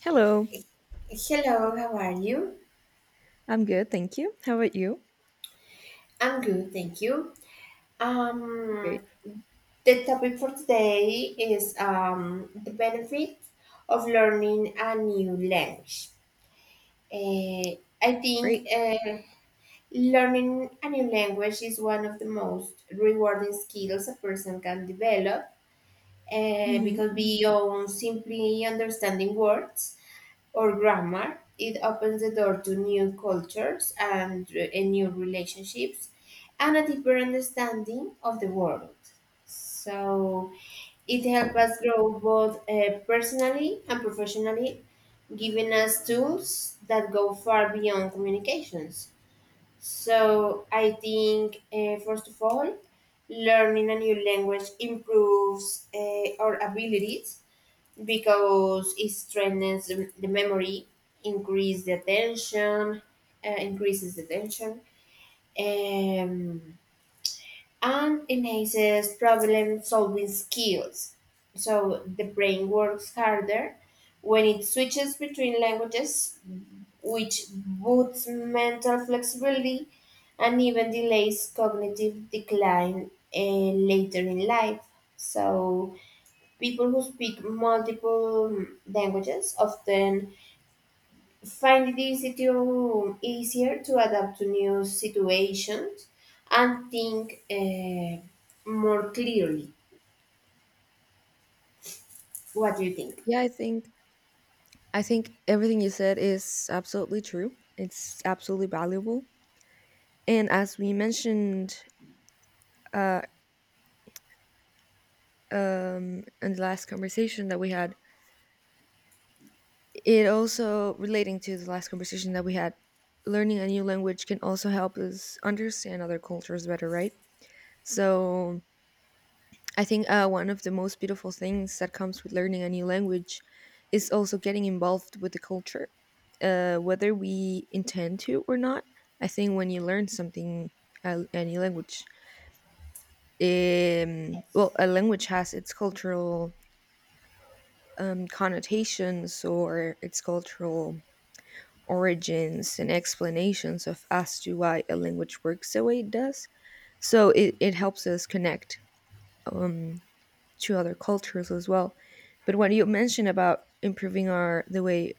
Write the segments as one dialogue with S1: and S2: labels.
S1: Hello,
S2: Hello, how are you?
S1: I'm good, thank you. How about you?
S2: I'm good, thank you. Um,
S1: Great,
S2: the topic for today is the benefit of learning a new language. Eh, I
S1: great.
S2: think learning a new language is one of the most rewarding skills a person can develop
S1: hmm
S2: because beyond simply understanding words or grammar. It opens the door to new cultures and, and new relationships and a deeper understanding of the world. So it helps us grow both personally and professionally, giving us tools that go far beyond communications. So I think, first of all, learning a new language improves our abilities because it strengthens the memory, increase the attention, increases the attention, um, and enhances problem solving skills. So the brain works harder when it switches between languages, which boosts mental flexibility and even delays cognitive decline later in life. So people who speak multiple languages often find it easier to adapt to new situations and think more clearly. What do you think?
S1: Yeah, I think everything you said is absolutely true. It's absolutely valuable. And as we mentioned uh, in the last conversation that we had, it also relating to the last conversation that we had, learning a new language can also help us understand other cultures better, right? So I think one of the most beautiful things that comes with learning a new language is also getting involved with the culture, whether we intend to or not. I think when you learn something, a new language, well, a language has its cultural connotations or its cultural origins and explanations of as to why a language works the way it does. So it helps us connect. Um, to other cultures as well. But what you mentioned about improving our the way,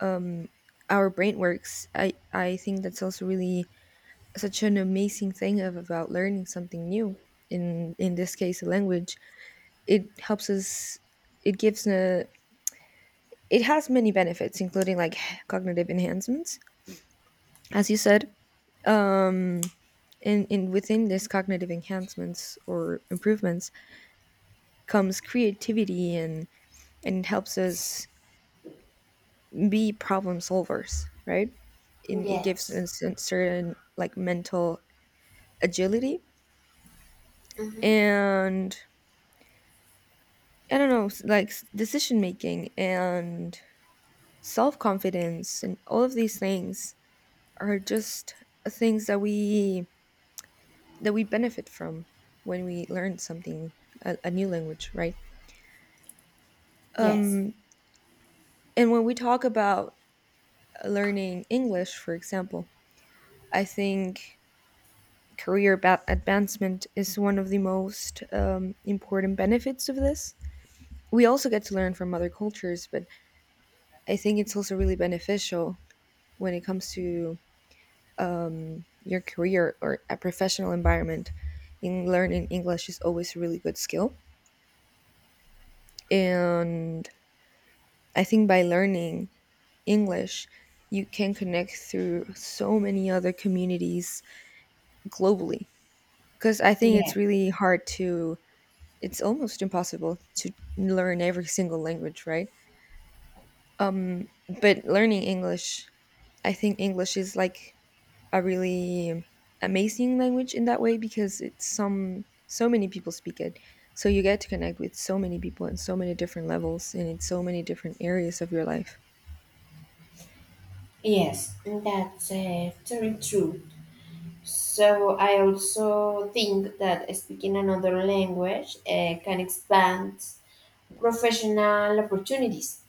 S1: um, our brain works, I think that's also really such an amazing thing of about learning something new. In this case, a language. It helps us. It gives a. It has many benefits, including like cognitive enhancements, as you said. Um, and within this cognitive enhancements or improvements comes creativity and it helps us be problem solvers, right? And it gives
S2: Yes.
S1: us a certain like mental agility.
S2: Hmm.
S1: And I don't know, decision making and self confidence, and all of these things are just things that we benefit from when we learn something a new language, right?
S2: Yes.
S1: Um, and when we talk about learning English, for example, I think advancement is one of the most important benefits of this. We also get to learn from other cultures, but I think it's also really beneficial when it comes to your career or a professional environment. In learning English is always a really good skill, and I think by learning English, you can connect through so many other communities globally. Because I think
S2: Yeah.
S1: it's really hard to it's almost impossible to learn every single language, right? But learning English, I think English is like a really amazing language in that way because it's some so many people speak it. So you get to connect with so many people in so many different levels and in so many different areas of your life.
S2: Yes. That's very true. So I also think that speaking another language can expand professional opportunities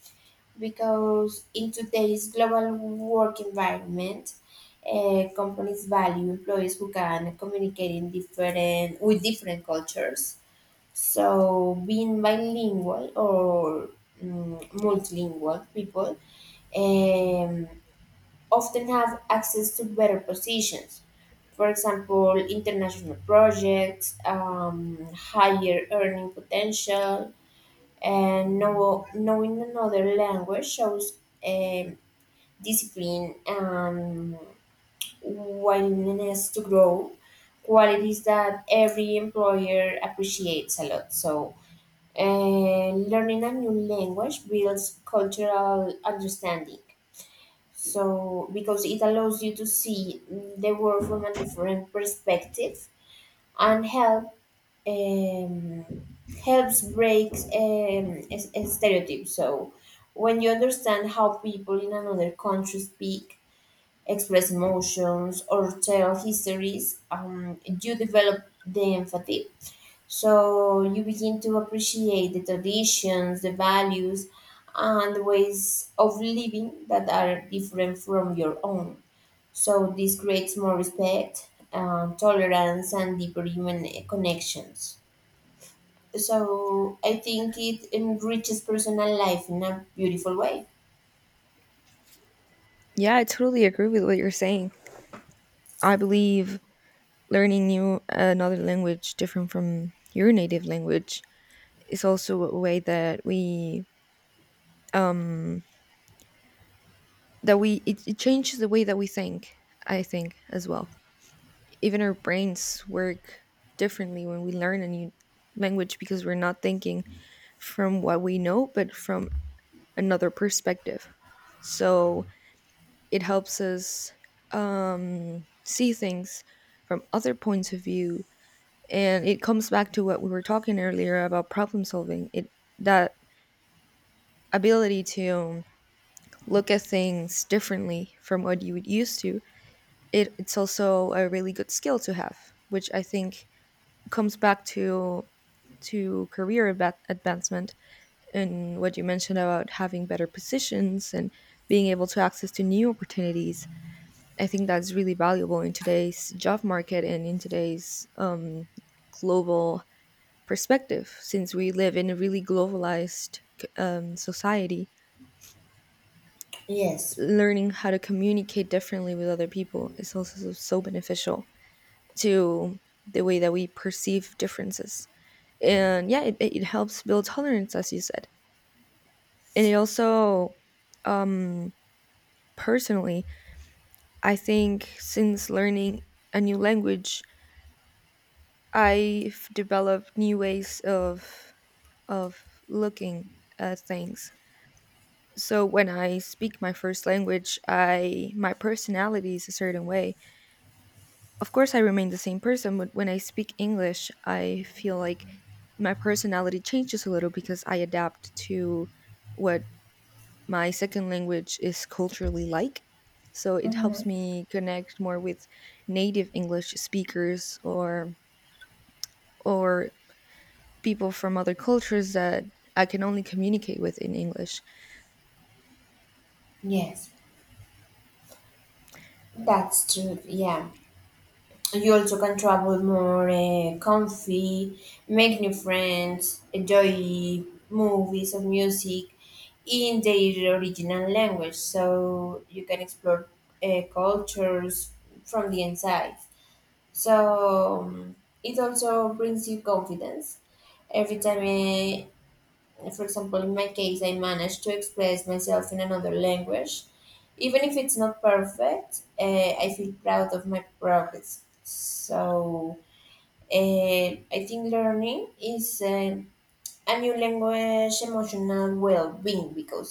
S2: because in today's global work environment, companies value employees who can communicate in different with different cultures. So being bilingual or multilingual people, um, often have access to better positions. For example, international projects, higher earning potential, and knowing another language shows um, discipline and willingness to grow, qualities that every employer appreciates a lot. So, learning a new language builds cultural understanding. So, because it allows you to see the world from a different perspective and um, helps break stereotypes. So when you understand how people in another country speak, express emotions, or tell histories, you develop the empathy. So you begin to appreciate the traditions, the values, and the ways of living that are different from your own. So this creates more respect, tolerance, and deeper human connections. So I think it enriches personal life in a beautiful way.
S1: Yeah, I totally agree with what you're saying. I believe learning new another language different from your native language is also a way um that we it changes the way that we think. I think as well, even our brains work differently when we learn a new language because we're not thinking from what we know but from another perspective. So it helps us see things from other points of view, and it comes back to what we were talking earlier about problem solving it, that ability to look at things differently from what you would used to. It's also a really good skill to have, which I think comes back to advancement and what you mentioned about having better positions and being able to access to new opportunities. I think that's really valuable in today's job market and in today's global perspective, since we live in a really globalized society.
S2: Yes.
S1: Learning how to communicate differently with other people is also so beneficial to the way that we perceive differences. And yeah, it helps build tolerance, as you said. And it also, um, personally, I think since learning a new language, I've developed new ways of looking at things. So when I speak my first language, I my personality is a certain way. Of course, I remain the same person, but when I speak English, I feel like my personality changes a little because I adapt to what my second language is culturally like. So it helps
S2: Hmm.
S1: me connect more with native English speakers, or people from other cultures that I can only communicate with in English.
S2: Yes. That's true. Yeah. You also can travel more comfy, make new friends, enjoy movies or music in their original language. So you can explore cultures from the inside. So it also brings you confidence. Every time, for example, in my case, I managed to express myself in another language. Even if it's not perfect, I feel proud of my progress. So I think learning is a new language emotional well being because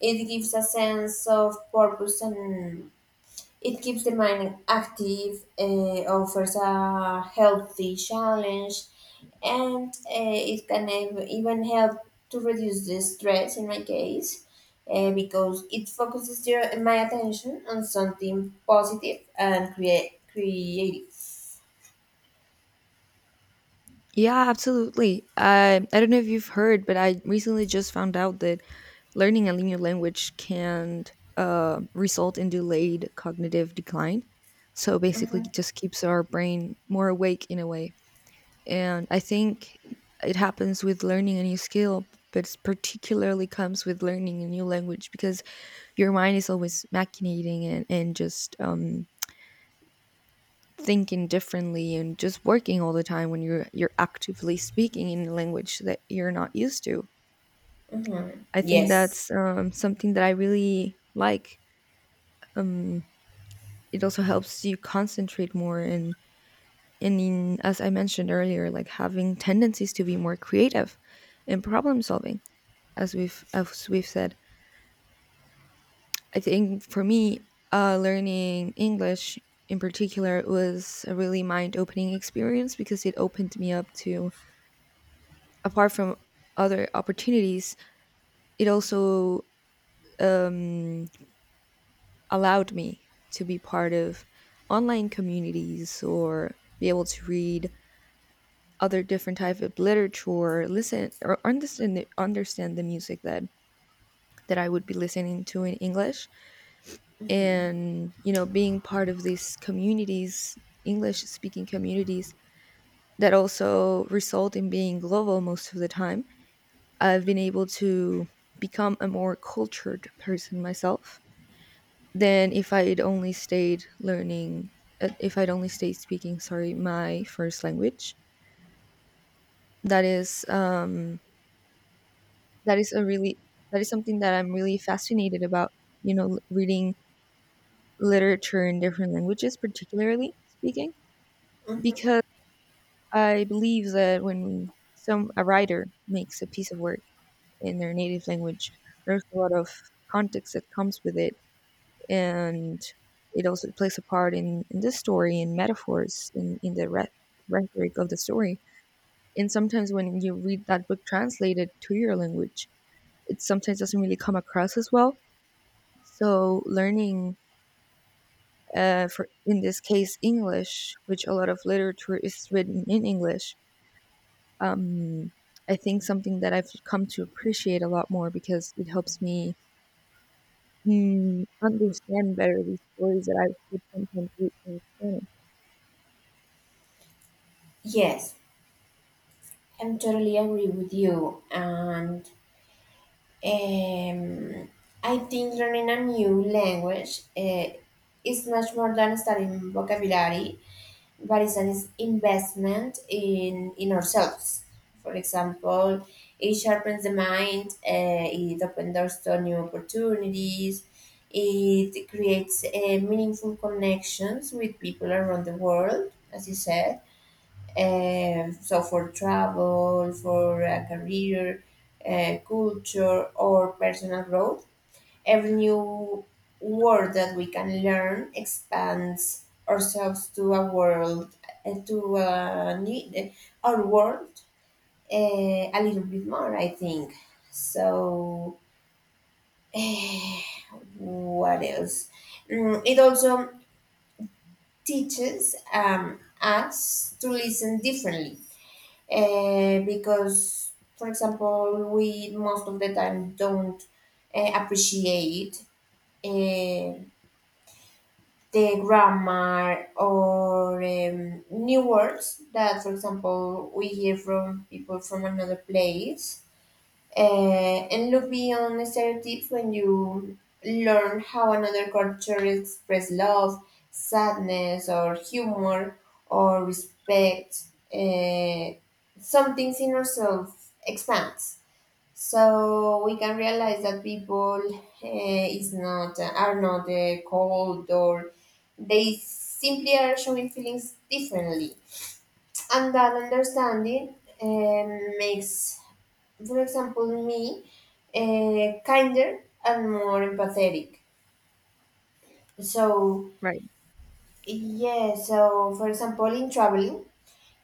S2: it gives a sense of purpose and it keeps the mind active, offers a healthy challenge, and even help to reduce the stress in my case because it focuses my attention on something positive and creative.
S1: Yeah, absolutely. I don't know if you've heard, but I recently just found out that learning a new language can, result in delayed cognitive decline. So basically, it
S2: Hmm.
S1: just keeps our brain more awake in a way. And I think it happens with learning a new skill, but it's particularly comes with learning a new language because your mind is always machinating and just thinking differently and just working all the time when you're actively speaking in a language that you're not used to.
S2: Hmm.
S1: I think
S2: Yes.
S1: that's something that I really like. Um, it also helps you concentrate more and in, as I mentioned earlier like having tendencies to be more creative and problem solving, as we've said. I think for me, learning english in particular was a really mind opening experience because it opened me up to, apart from other opportunities, it also um, allowed me to be part of online communities or be able to read other different type of literature, listen or understand the music that that I would be listening to in english.
S2: Hmm.
S1: And you know being part of these communities, english speaking communities, that also result in being global most of the time, I've been able to become a more cultured person myself than if I would only stayed learning, if I'd only stayed speaking sorry my first language. that is um that is a really that is something that I'm really fascinated about, you know, reading literature in different languages, particularly speaking, because I believe that when some a writer makes a piece of work in their native language, there's a lot of context that comes with it, and it also plays a part in the story and metaphors in rhetoric of the story. And sometimes when you read that book translated to your language, it sometimes doesn't really come across as well. So learning, for in this case English, which a lot of literature is written in English, um, I think something that I've come to appreciate a lot more because it helps me understand better these stories that I would sometimes read in Spanish.
S2: Yes, I'm totally agree with you. And Um, I think learning a new language is much more than studying vocabulary, but it's an investment in ourselves. For example, it sharpens the mind, it opens doors to new opportunities, it creates meaningful connections with people around the world, as you said. So for travel, for a career, culture, or personal growth, every new word that we can learn expands ourselves to a world, uh, to a need, our world a little bit more, I think. So, eh, what else? It also teaches us to listen differently because, for example, we most of the time don't appreciate uh, the grammar or new words that, for example, we hear from people from another place, and look beyond stereotypes when you learn how another culture expresses love, sadness, or humor, or respect. Uh, some things in ourselves expands, so we can realize that people is not are not cold or they simply are showing feelings differently, and that understanding makes, for example, me kinder and more empathetic. So
S1: Right.
S2: yeah, so for example, in traveling,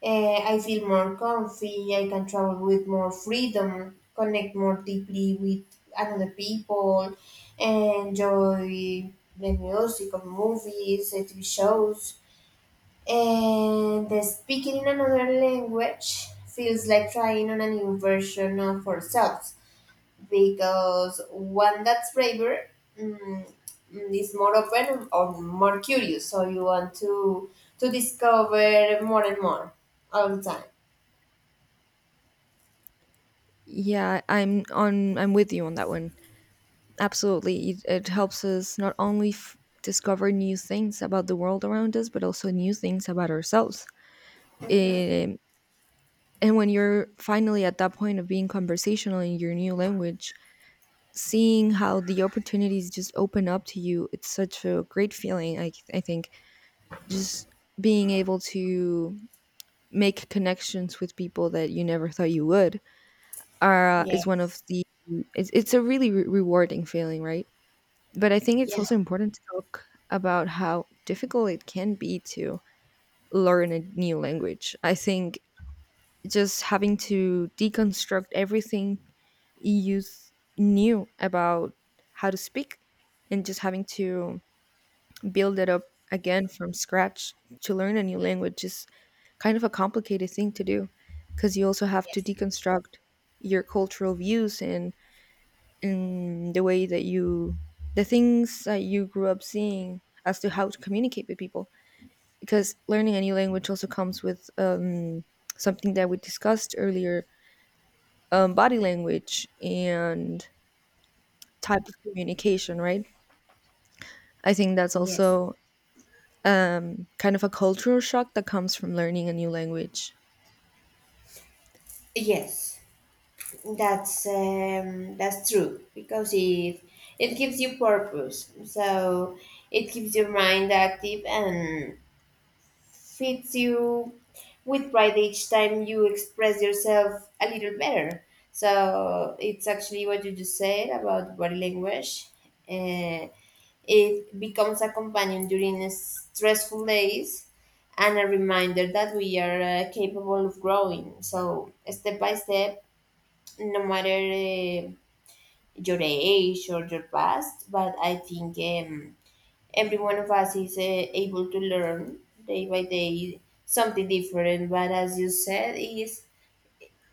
S2: I feel more comfy. I can travel with more freedom, connect more deeply with another people, enjoy the music of movies, TV shows, and the speaking in another language feels like trying on a new version of ourselves, because one that's braver, mm, is more open or more curious, so you want to discover more and more all the time.
S1: Yeah, I'm with you on that one. Absolutely, it helps us not only discover new things about the world around us, but also new things about ourselves.
S2: Hmm.
S1: It And when you're finally at that point of being conversational in your new language, seeing how the opportunities just open up to you, it's such a great feeling. I think just being able to make connections with people that you never thought you would are, is one of
S2: Yes.
S1: the, it's a really rewarding feeling, right? But I think it's
S2: Yeah.
S1: also important to talk about how difficult it can be to learn a new language. I think just having to deconstruct everything EU's knew about how to speak and just having to build it up again from scratch to learn a new language is kind of a complicated thing to do because you also have to
S2: Yes.
S1: deconstruct your cultural views, and the way that you, the things that you grew up seeing as to how to communicate with people, because learning a new language also comes with something that we discussed earlier, body language and type of communication, right? I think that's
S2: Yes.
S1: also kind of a cultural shock that comes from learning a new language.
S2: Yes. That's true, because it gives you purpose. So it keeps your mind active and fits you with pride each time you express yourself a little better. So it's actually what you just said about body language. Uh, it becomes a companion during stressful days and a reminder that we are capable of growing. So, step by step, no matter your age or your past, but I think. Every one of us is able to learn day by day something different, but as you said, is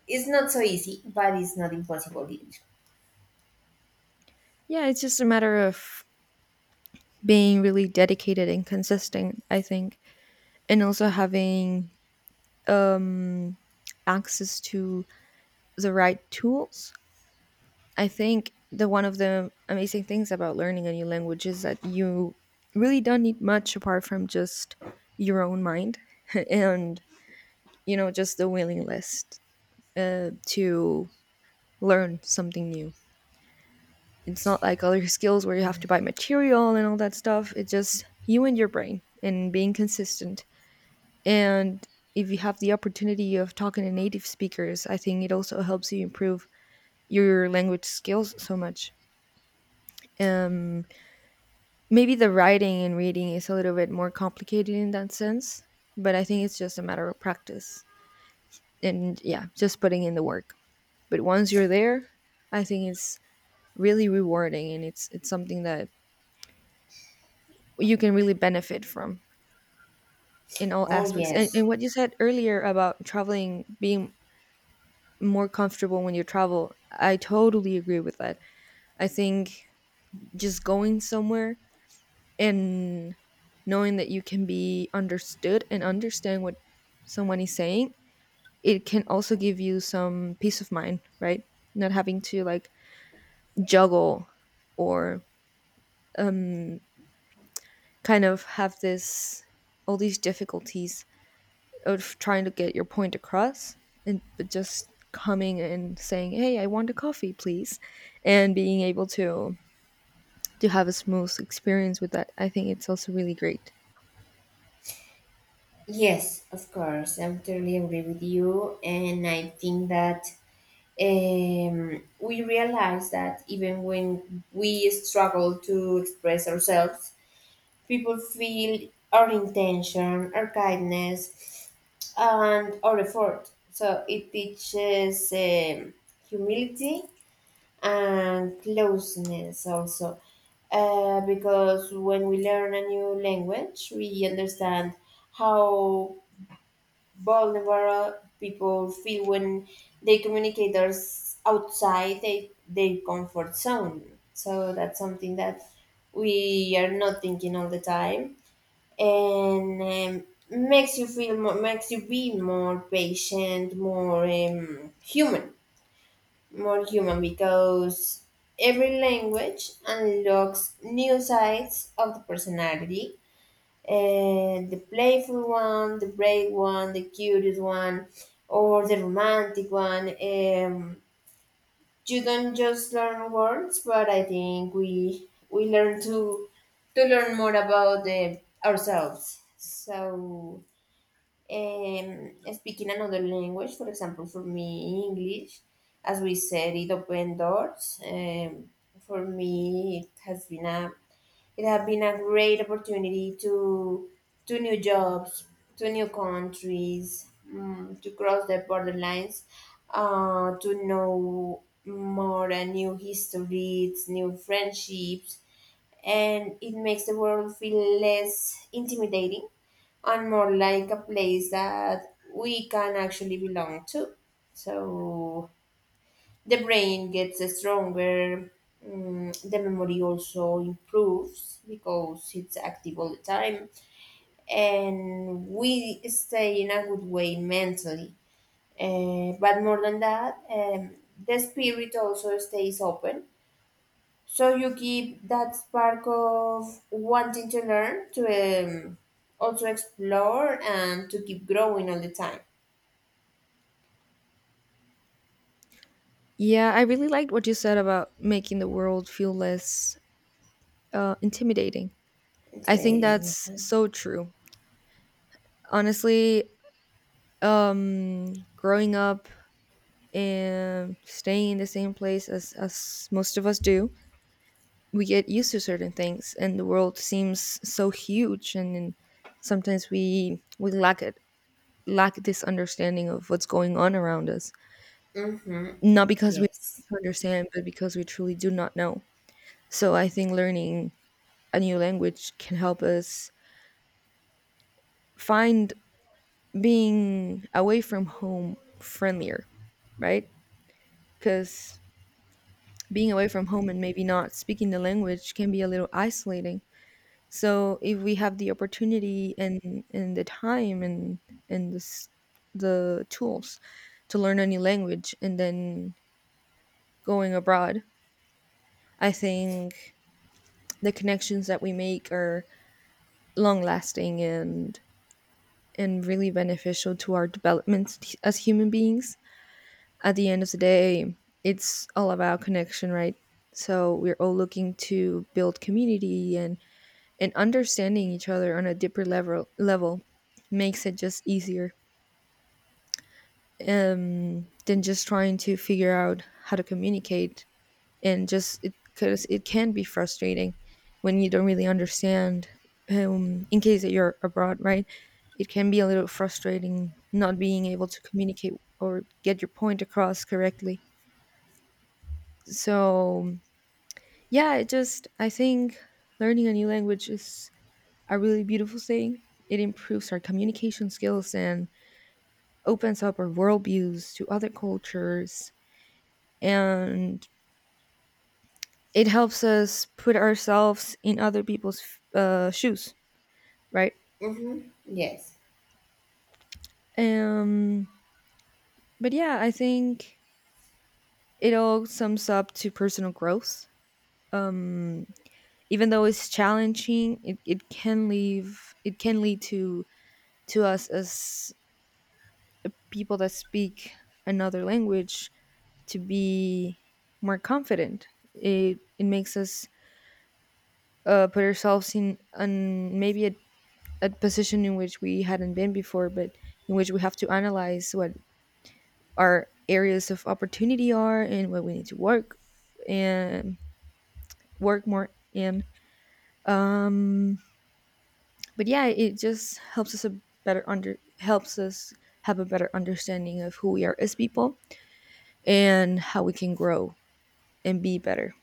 S2: it's not so easy, but it's not impossible either.
S1: Yeah, it's just a matter of being really dedicated and consistent, I think, and also having um, access to the right tools. I think the one of the amazing things about learning a new language is that you really don't need much apart from just your own mind and you know just the willingness to learn something new. It's not like other skills where you have to buy material and all that stuff. It's just you and your brain and being consistent. And if you have the opportunity of talking to native speakers, I think it also helps you improve your language skills so much. Um, Maybe the writing and reading is a little bit more complicated in that sense, but I think it's just a matter of practice and yeah, just putting in the work. But once you're there, I think it's really rewarding and it's something that you can really benefit from in all
S2: Oh
S1: aspects. And,
S2: yes.
S1: and what you said earlier about traveling being more comfortable when you travel, I totally agree with that. I think just going somewhere and knowing that you can be understood and understand what someone is saying, it can also give you some peace of mind, right? Not having to like juggle or kind of have this all these difficulties of trying to get your point across and but just coming and saying, "Hey, I want a coffee, please," and being able to have a smooth experience with that, I think it's also really great.
S2: Yes, of course, I totally agree with you, and I think that, we realize that even when we struggle to express ourselves, people feel our intention, our kindness, and our effort. So it teaches humility and closeness also. Because when we learn a new language, we understand how vulnerable people feel when they communicate us outside their comfort zone. So that's something that we are not thinking all the time, and makes you be more patient, more more human, because every language unlocks new sides of the personality. And the playful one, the brave one, the curious one, or the romantic one. You don't just learn words, but I think we learn to learn more about ourselves. So, speaking another language, for example, for me, English, as we said, it opened doors. For me, it has been a great opportunity to new jobs, to new countries, to cross the borderlines, to know more and new histories, new friendships, and it makes the world feel less intimidating and more like a place that we can actually belong to. So the brain gets stronger, the memory also improves because it's active all the time, and we stay in a good way mentally. But more than that, the spirit also stays open, so you keep that spark of wanting to learn, to also explore and to keep growing all the time.
S1: Yeah, I really liked what you said about making the world feel less intimidating. I think
S2: Intimidating.
S1: that's so true. Honestly, growing up and staying in the same place as most of us do, we get used to certain things and the world seems so huge, and sometimes we lack it, lack this understanding of what's going on around us.
S2: Mm-hmm.
S1: Not because we
S2: Yes.
S1: want to understand, but because we truly do not know. So I think learning a new language can help us find being away from home friendlier, right? Because being away from home and maybe not speaking the language can be a little isolating. So if we have the opportunity and the time and this, the tools to learn any language and then going abroad, I think the connections that we make are long lasting and really beneficial to our development as human beings. At the end of the day, it's all about connection, right? So we're all looking to build community and understanding each other on a deeper level makes it just easier, than just trying to figure out how to communicate. And just it, because it can be frustrating when you don't really understand, in case that you're abroad, right? It can be a little frustrating not being able to communicate or get your point across correctly. So yeah, it just I think learning a new language is a really beautiful thing. It improves our communication skills and opens up our worldviews to other cultures. And it helps us put ourselves in other people's shoes, right?
S2: Mm-hmm. Yes.
S1: Um, but yeah, I think it all sums up to personal growth. Um, Even though it's challenging, it can leave it can lead to us as people that speak another language to be more confident. It makes us put ourselves in an maybe a position in which we hadn't been before, but in which we have to analyze what our areas of opportunity are and what we need to work and work more in. Um, but yeah, it just helps us a better under helps us have a better understanding of who we are as people, and how we can grow and be better.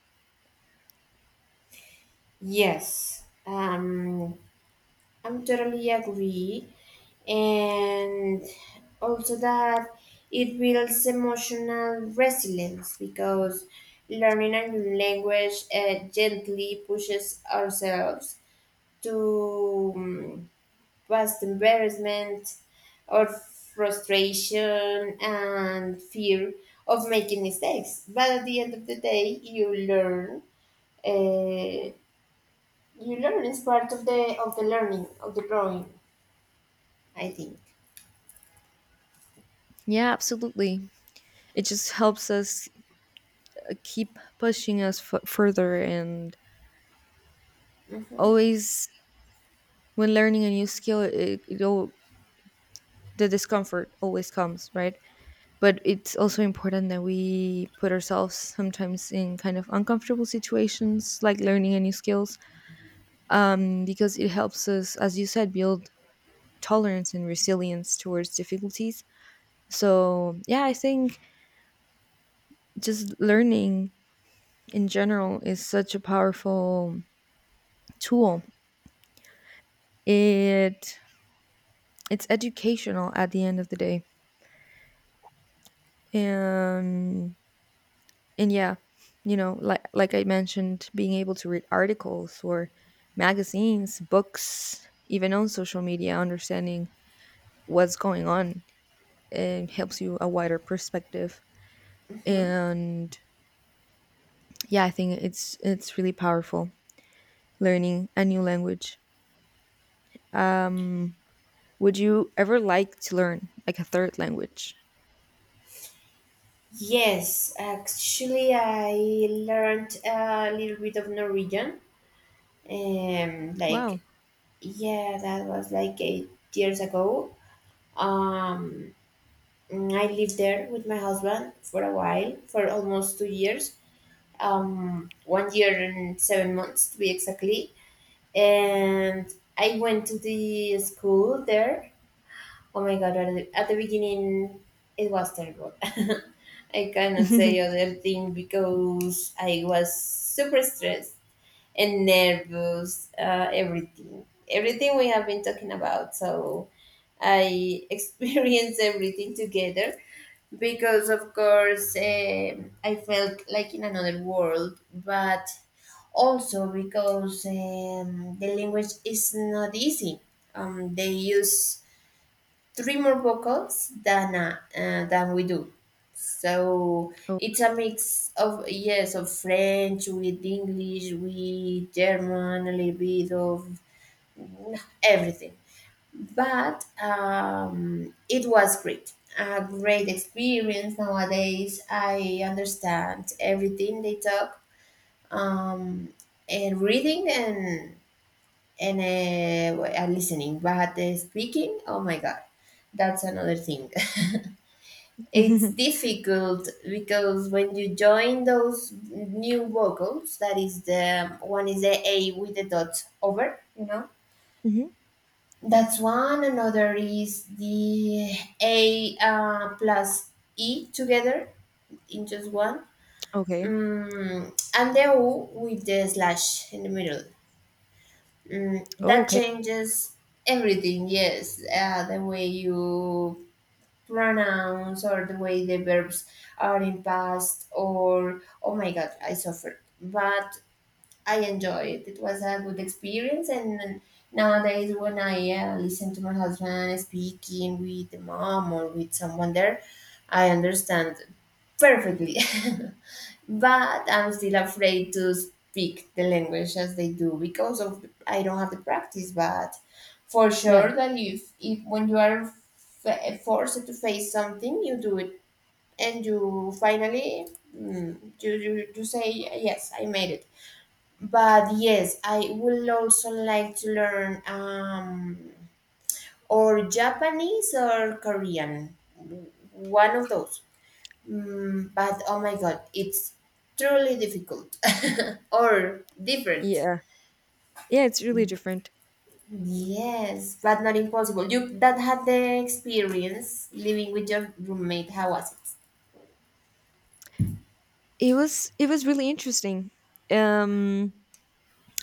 S2: Yes, um, I'm totally agree, and also that it builds emotional resilience, because learning a new language gently pushes ourselves to, past embarrassment or frustration and fear of making mistakes. But at the end of the day, you learn. Uh, you learn is part of the learning of the growing, I think.
S1: Yeah, absolutely. It just helps us keep pushing us further and
S2: Mm-hmm.
S1: always when learning a new skill, it all, the discomfort always comes, right? But it's also important that we put ourselves sometimes in kind of uncomfortable situations like learning a new skills, because it helps us, as you said, build tolerance and resilience towards difficulties. So yeah, I think just learning in general is such a powerful tool. It it's educational at the end of the day, and and yeah, you know, like I mentioned, being able to read articles or magazines, books, even on social media, understanding what's going on, it helps you a wider perspective.
S2: Mm-hmm.
S1: And yeah, I think it's really powerful learning a new language. um would you ever like to learn like a third language?
S2: Yes, actually, I learned a little bit of Norwegian. Um,
S1: Wow.
S2: like yeah, that was like 8 years ago. Um, I lived there with my husband for a while, for almost 2 years. One year and 7 months to be exactly. And I went to the school there. Oh my god, at at the beginning it was terrible. I cannot say other thing because I was super stressed and nervous, everything. Everything we have been talking about. So I experienced everything together, because, of course, I felt like in another world, but also because the language is not easy. They use three more vocals than we do. So
S1: Oh.
S2: it's a mix of, yes, of French with English with German, a little bit of everything. But it was great, a great experience. Nowadays I understand everything they talk, um, and reading and listening, but speaking, oh my god, that's another thing. It's
S1: Mhm.
S2: difficult, because when you join those new vocals, that is the one, is the A with the dot over, you know. That's one. Another is the A plus E together in just one.
S1: Okay.
S2: Mm, and the O with the slash in the middle.
S1: Oh,
S2: That
S1: okay.
S2: changes everything, yes. The way you pronounce or the way the verbs are in past, or oh my god, I suffered. But I enjoyed it. It was a good experience. And nowadays, when I listen to my husband speaking with the mom or with someone there, I understand perfectly. But I'm still afraid to speak the language as they do, because of I don't have the practice. But for
S1: Yeah.
S2: sure that if when you are forced to face something, you do it, and you finally, you say yes, I made it. But yes, I would also like to learn, or Japanese or Korean, one of those. But oh my god, it's truly difficult, or different.
S1: Yeah. Yeah, it's really different.
S2: Yes, but not impossible. You that had the experience living with your roommate. How was it?
S1: It was really interesting. Um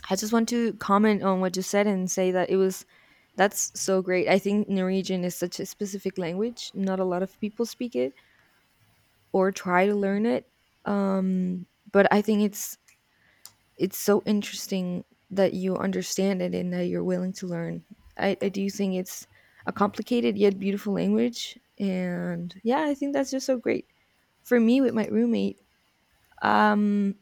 S1: I just want to comment on what you said and say that it was that's so great. I think Norwegian is such a specific language. Not a lot of people speak it or try to learn it. Um but I think it's so interesting that you understand it and that you're willing to learn. I do think it's a complicated yet beautiful language. And yeah, I think that's just so great. For me, with my roommate, Um,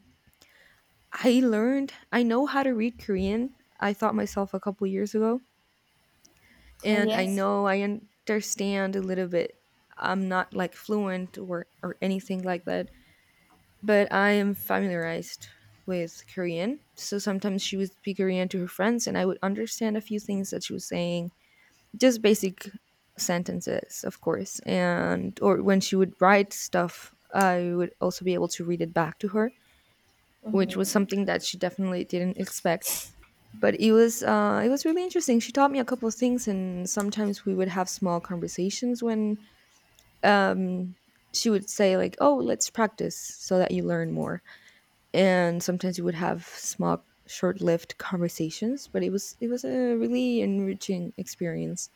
S1: I learned, I know how to read Korean. I thought myself a couple years ago,
S2: Oh,
S1: and I
S2: yes.
S1: know I understand a little bit. I'm not like fluent or anything like that, but I am familiarized with Korean. So sometimes she would speak Korean to her friends, and I would understand a few things that she was saying, just basic sentences, of course. And or when she would write stuff, I would also be able to read it back to her, which was
S2: Mm-hmm.
S1: something that she definitely didn't expect. But it was really interesting. She taught me a couple of things, and sometimes we would have small conversations when um, she would say like, "Oh, let's practice so that you learn more." And sometimes we would have small, short-lived conversations, but it was a really enriching experience,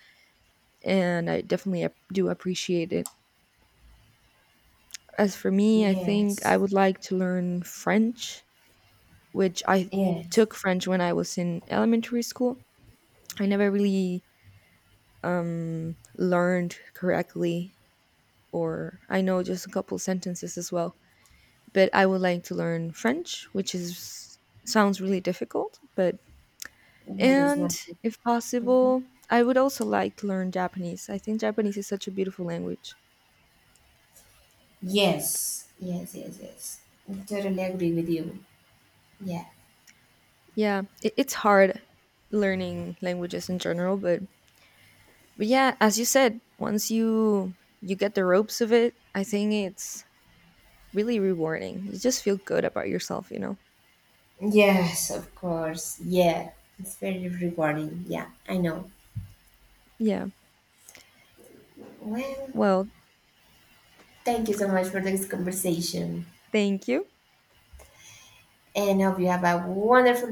S1: and I definitely do appreciate it. As for me, I think I
S2: Yes,
S1: would like to learn French, which I
S2: yes,
S1: took French when I was in elementary school. I never really learned correctly, or I know just a couple sentences as well. But I would like to learn French, which is sounds really difficult. But
S2: that is
S1: and
S2: not.
S1: if
S2: Mhm.
S1: possible, I would also like to learn Japanese. I think Japanese is such a beautiful language.
S2: Yes, yes, yes, yes. I totally agree with you. Yeah.
S1: Yeah, it's hard learning languages in general, but yeah, as you said, once you you get the ropes of it, I think it's really rewarding. You just feel good about yourself, you know.
S2: Yes, of course. Yeah, it's very rewarding. Yeah, I know.
S1: Yeah.
S2: Well,
S1: Well,
S2: thank you so much for this conversation.
S1: thank you.
S2: And I hope you have a wonderful